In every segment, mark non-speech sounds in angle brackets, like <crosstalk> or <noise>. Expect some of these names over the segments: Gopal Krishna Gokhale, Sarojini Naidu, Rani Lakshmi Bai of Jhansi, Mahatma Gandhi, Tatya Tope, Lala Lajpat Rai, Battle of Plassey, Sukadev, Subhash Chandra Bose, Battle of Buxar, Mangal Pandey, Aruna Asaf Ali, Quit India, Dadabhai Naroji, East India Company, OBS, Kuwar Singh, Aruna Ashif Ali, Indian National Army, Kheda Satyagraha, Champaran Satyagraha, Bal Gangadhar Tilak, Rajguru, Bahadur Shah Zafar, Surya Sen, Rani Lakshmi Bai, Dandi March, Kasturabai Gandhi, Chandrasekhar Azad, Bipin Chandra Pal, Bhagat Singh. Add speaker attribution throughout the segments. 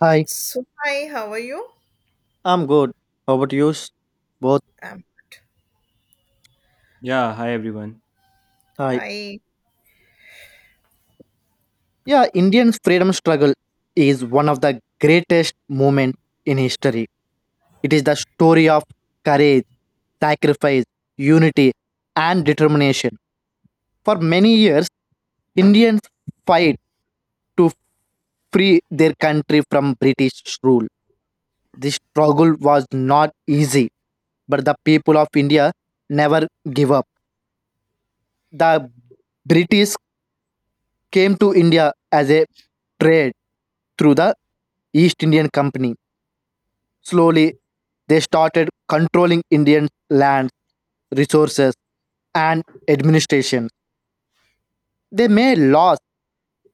Speaker 1: Hi,
Speaker 2: So, hi, how are you?
Speaker 1: I'm good. How about you? Both.
Speaker 2: Um,
Speaker 3: Yeah, hi everyone.
Speaker 1: Hi.
Speaker 2: hi.
Speaker 1: Yeah, Indian freedom struggle is one of the greatest moments in history. It is the story of courage, sacrifice, unity, and determination. For many years, Indians fight to free their country from British rule. This struggle was not easy, but the people of India never give up. The British came to India as a trade through the East Indian Company. Slowly, they started controlling Indian lands, resources, and administration. They made laws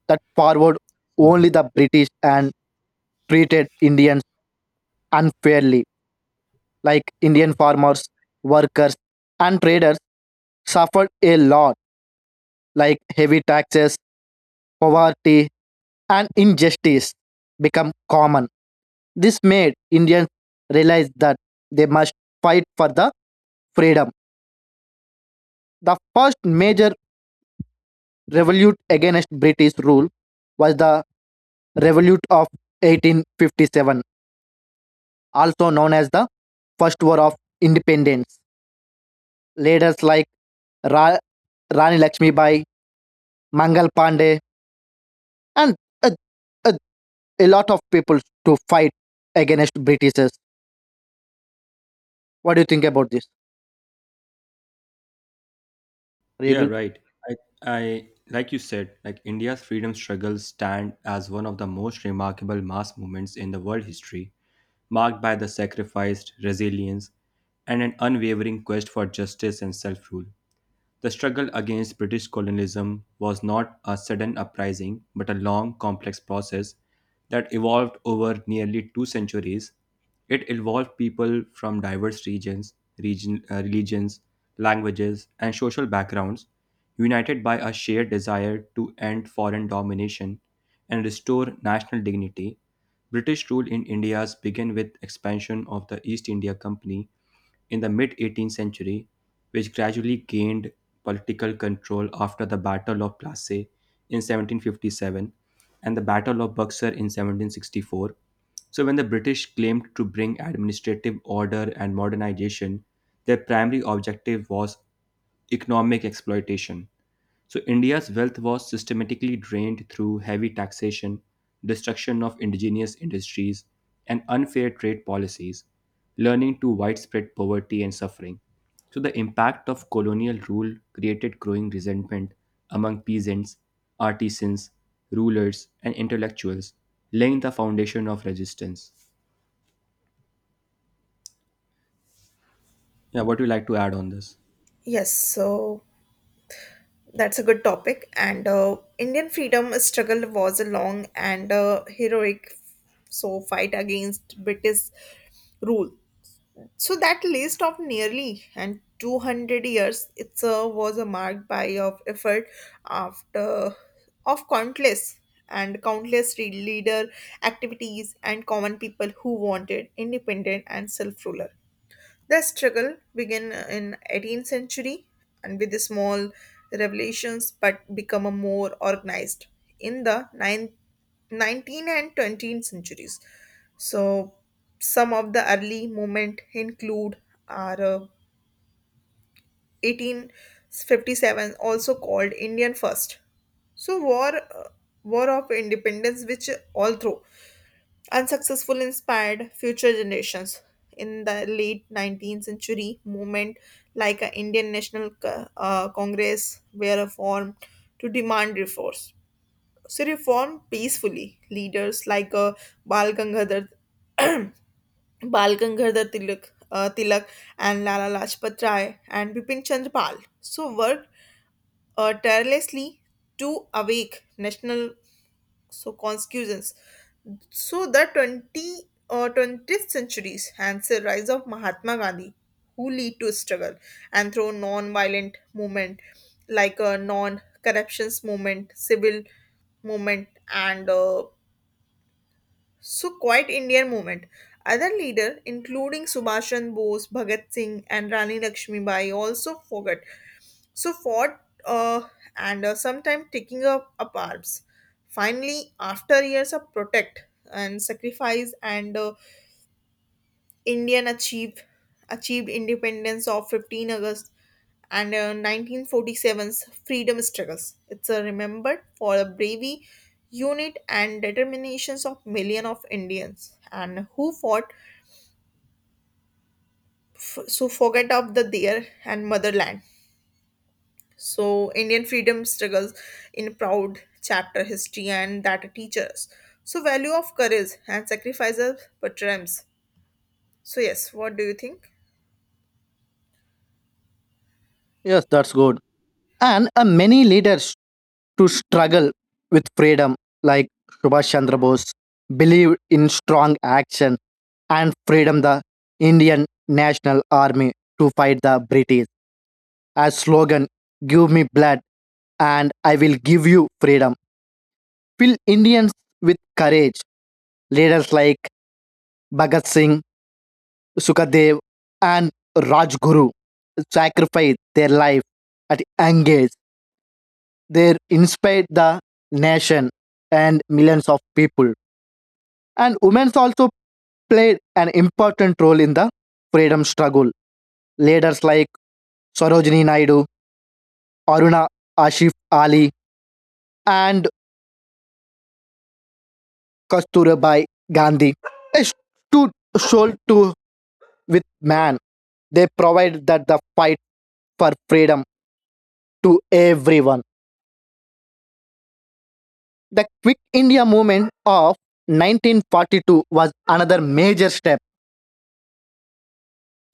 Speaker 1: that favored only
Speaker 3: So
Speaker 1: the British and treated Indians unfairly, like Indian farmers, workers, and traders suffered a lot, like heavy taxes, poverty, and injustice become common. This made Indians realize that they must fight for the freedom. The first major revolt against British rule was the Revolt of 1857, also known as the First War of Independence. Leaders like Ra- Rani Lakshmi Bai, Mangal Pandey, and a, a, a lot of people to fight against Britishers. What do you think about this? Are you
Speaker 3: Yeah,
Speaker 1: agree?
Speaker 3: right. I, I like you said, like India's freedom struggle stand as one of the most remarkable mass movements in the world history, marked by the sacrificed resilience and an unwavering quest for justice and self-rule. The struggle against British colonialism was not a sudden uprising, but a long, complex process that evolved over nearly 2 centuries. It involved people from diverse regions, religions, languages, and social backgrounds, united by a shared desire to end foreign domination and restore national dignity. British rule in India began with expansion of the East India Company in the mid 18th century, which gradually gained political control after the Battle of Plassey in 1757 and the Battle of Buxar in 1764. So, when the British claimed to bring administrative order and modernization, their primary objective was economic exploitation. So, India's wealth was systematically drained through heavy taxation, destruction of indigenous industries, and unfair trade policies, leading to widespread poverty and suffering. So, the impact of colonial rule created growing resentment among peasants, artisans, rulers, and intellectuals, laying the foundation of resistance. Yeah, what do you like to add on this?
Speaker 2: Yes, so that's a good topic. And Indian freedom struggle was a long and heroic, so fight against British rule. So that list of nearly and 200 years, it's was a marked by of effort after of countless and leader activities and common people who wanted independent and self-ruler. The struggle began in 18th century and with the small revelations, but become a more organized in the 9th and 20th centuries. So some of the early movement include are 1857 also called Indian First. So war of independence which all through unsuccessful inspired future generations in the late 19th century movement like a indian national congress were formed to demand reforms so reform peacefully leaders like bal gangadhar <clears throat> bal gangadhar tilak and lala lajpat rai and bipin chandra pal so worked tirelessly to awake national so conscience so the 20 or 20th centuries hence the rise of Mahatma Gandhi, who lead to struggle and through non-violent movement like a non-corruptions movement, civil movement, and so quite Indian movement. Other leader, including Subhash Chandra Bose, Bhagat Singh, and Rani Lakshmi Bai, also forgot so fought uh, and sometimes taking up arms. Finally, after years of protect and sacrifice, and Indian achieved independence of 15th August and 1947's freedom struggles. It's remembered for the bravery, unit, and determinations of millions of Indians and who fought to forget of the their and motherland. So, Indian freedom struggles in proud chapter history and that teaches. So, value of courage and sacrifices triumphs. So, yes, what do you think?
Speaker 1: Yes, that's good. And Many leaders to struggle with freedom like Subhash Chandra Bose believed in strong action and freedom the Indian National Army to fight the British. As slogan, give me blood and I will give you freedom. Fill Indians with courage. Leaders like Bhagat Singh, Sukadev and Rajguru sacrificed their life at young age. They inspired the nation and millions of people. And women's also played an important role in the freedom struggle. Leaders like Sarojini Naidu, Aruna Ashif Ali, and Kasturabai Gandhi they stood shoulder to with man. They provided that the fight for freedom to everyone. The Quick India movement of 1942 was another major step.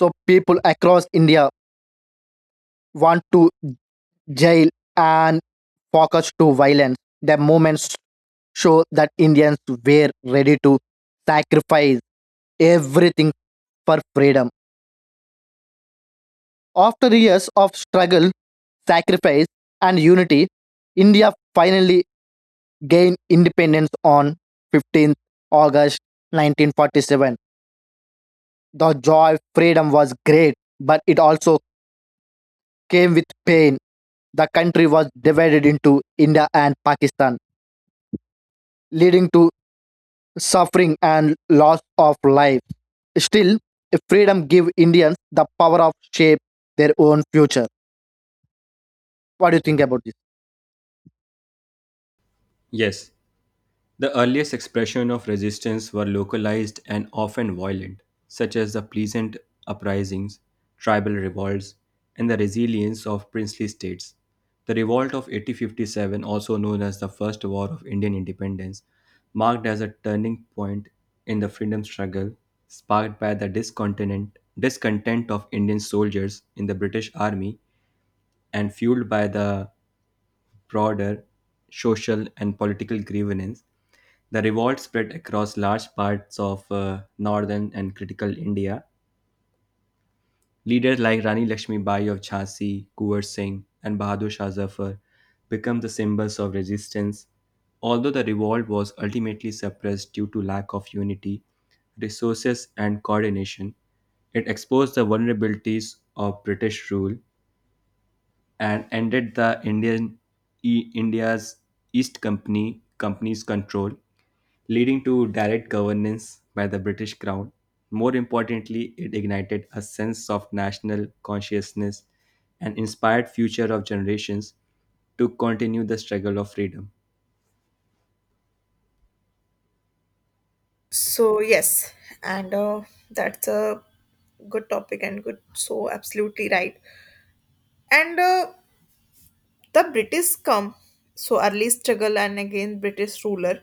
Speaker 1: So people across India want to jail and focus to violence. The movement show that Indians were ready to sacrifice everything for freedom. After years of struggle, sacrifice, and unity, India finally gained independence on 15th August 1947. The joy of freedom was great, but it also came with pain. The country was divided into India and Pakistan, leading to suffering and loss of life. Still, freedom give Indians the power of shape their own future. What do you think about this?
Speaker 3: Yes. The earliest expression of resistance were localized and often violent, such as the Pleasant uprisings, tribal revolts, and the resilience of princely states. The revolt of 1857, also known as the First War of Indian Independence, marked as a turning point in the freedom struggle, sparked by the discontent of Indian soldiers in the British Army and fueled by the broader social and political grievances, the revolt spread across large parts of northern and critical India. Leaders like Rani Lakshmi Bai of Jhansi, Kuwar Singh, and Bahadur Shah Zafar became the symbols of resistance. Although the revolt was ultimately suppressed due to lack of unity, resources, and coordination, it exposed the vulnerabilities of British rule and ended the India's East Company's control, leading to direct governance by the British Crown. More importantly, it ignited a sense of national consciousness and inspired future of generations to continue the struggle of freedom.
Speaker 2: So, yes, and that's a good topic and good. So, absolutely right. And the british come so early struggle and again british ruler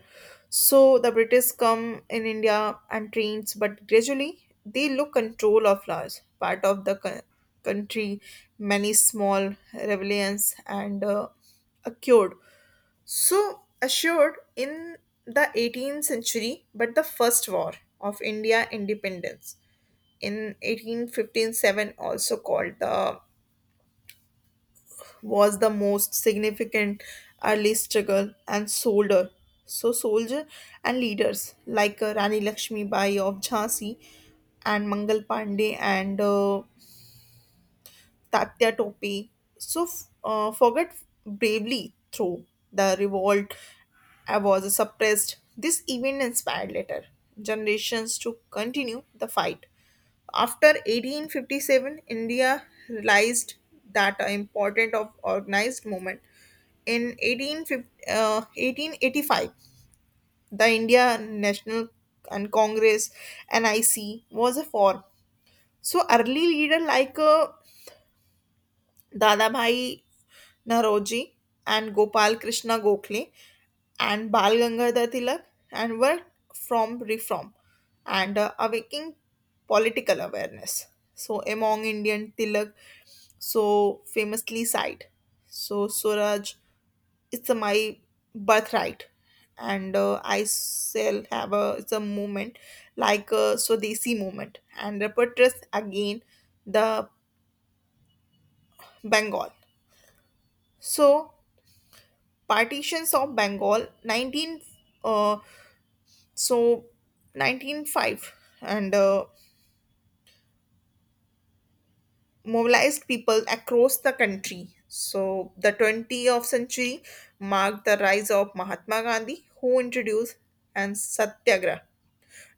Speaker 2: so the british come in india and trains but gradually they look control of large part of the country many small rebellions and occurred so assured in the 18th century but the first war of india independence in 1857 also called the was the most significant early struggle and soldier and leaders like Rani Lakshmi Bai of Jhansi and Mangal Pandey and Tatya Tope so forget bravely through the revolt was suppressed this event inspired later generations to continue the fight after 1857, India realized that the importance of organized movement. In 1885, the India National and Congress (NIC) was a form. So early leader like Dadabhai Naroji and Gopal Krishna Gokhale and Bal Gangadhar Tilak and worked from reform and awakening political awareness. So among Indian Tilak so famously sighed. So Suraj, it's a my birthright, and I shall have a it's a movement like a Swadesi movement and repertress again the Bengal. So partitions of Bengal, 19, uh, so nineteen five, and mobilized people across the country. So the 20th century marked the rise of Mahatma Gandhi, who introduced and Satyagraha,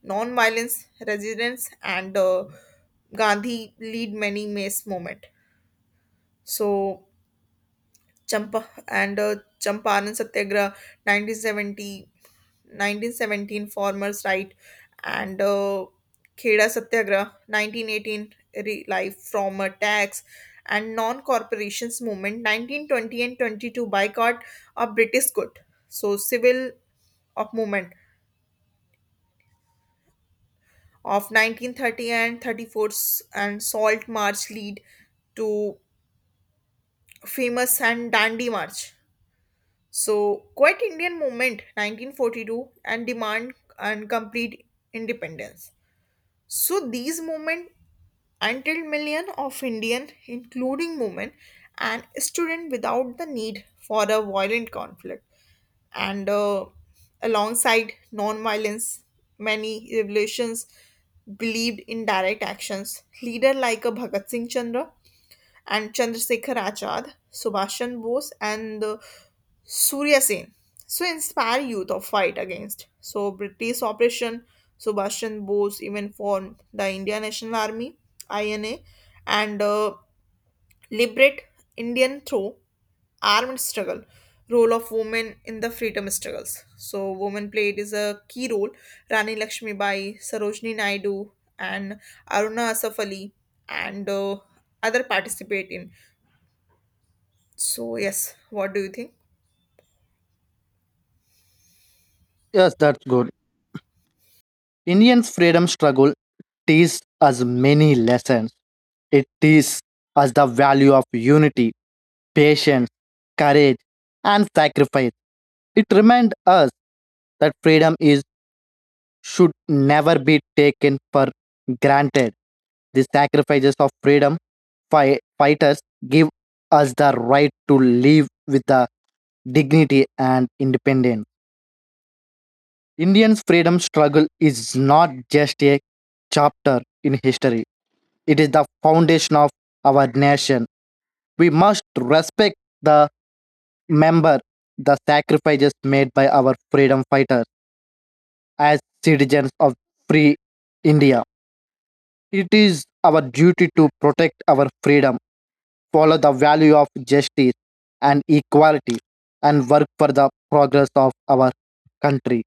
Speaker 2: non-violence resistance, and Gandhi lead many mass movement. So Champaran Satyagraha, 1970, 1917 Farmers' Right, and Kheda Satyagraha, 1918 Life from a Tax, and Non-Corporations Movement, 1920 and 22 Boycott of British Good. So civil of movement of 1930 and 34 and Salt March lead to famous and Dandi March. So, Quiet Indian Movement 1942 and demand and complete independence. So, these movements until million of Indian, including women and students, without the need for a violent conflict. And alongside non-violence, many revolutions believed in direct actions. Leader like a Bhagat Singh Chandra and Chandrasekhar Achad, Subhashan Bose, and Surya Sen. So inspire youth of fight against. So British operation, Subhashan Bose even formed the Indian National Army (INA) and liberate Indian through armed struggle. Role of women in the freedom struggles. So women played is a key role. Rani Lakshmibai, Sarojini Naidu, and Aruna Asaf Ali, and other participate in so, yes, what do you think?
Speaker 1: Yes, that's good. Indian freedom struggle teaches us many lessons. It teaches us the value of unity, patience, courage, and sacrifice. It reminds us that freedom is should never be taken for granted. The sacrifices of freedom fighters give us the right to live with the dignity and independence. Indian's freedom struggle is not just a chapter in history, it is the foundation of our nation. We must respect the member, the sacrifices made by our freedom fighters as citizens of free India. It is our duty to protect our freedom, follow the value of justice and equality, and work for the progress of our country.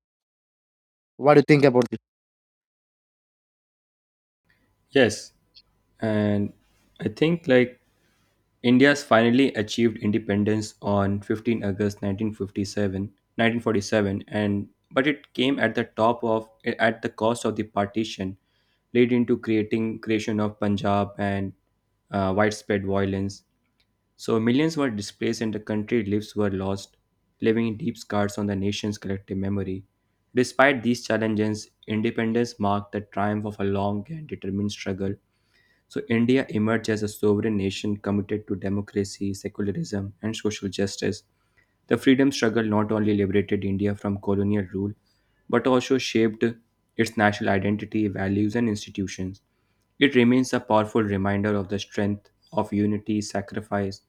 Speaker 1: What do you think about this?
Speaker 3: Yes, and I think like India's finally achieved independence on 15 August 1947 and but it came at the cost of the partition, leading to creating creation of Punjab and widespread violence. So millions were displaced and the country lives were lost, leaving deep scars on the nation's collective memory. Despite these challenges, independence marked the triumph of a long and determined struggle so India emerged as a sovereign nation committed to democracy, secularism, and social justice. The freedom struggle not only liberated India from colonial rule, but also shaped its national identity, values, and institutions. It remains a powerful reminder of the strength of unity, sacrifice,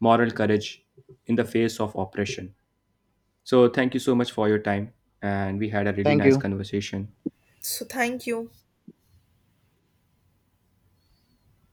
Speaker 3: moral courage in the face of oppression. So, thank you so much for your time, and we had a really
Speaker 1: Thank
Speaker 3: nice
Speaker 1: you.
Speaker 3: conversation.
Speaker 2: So, thank you.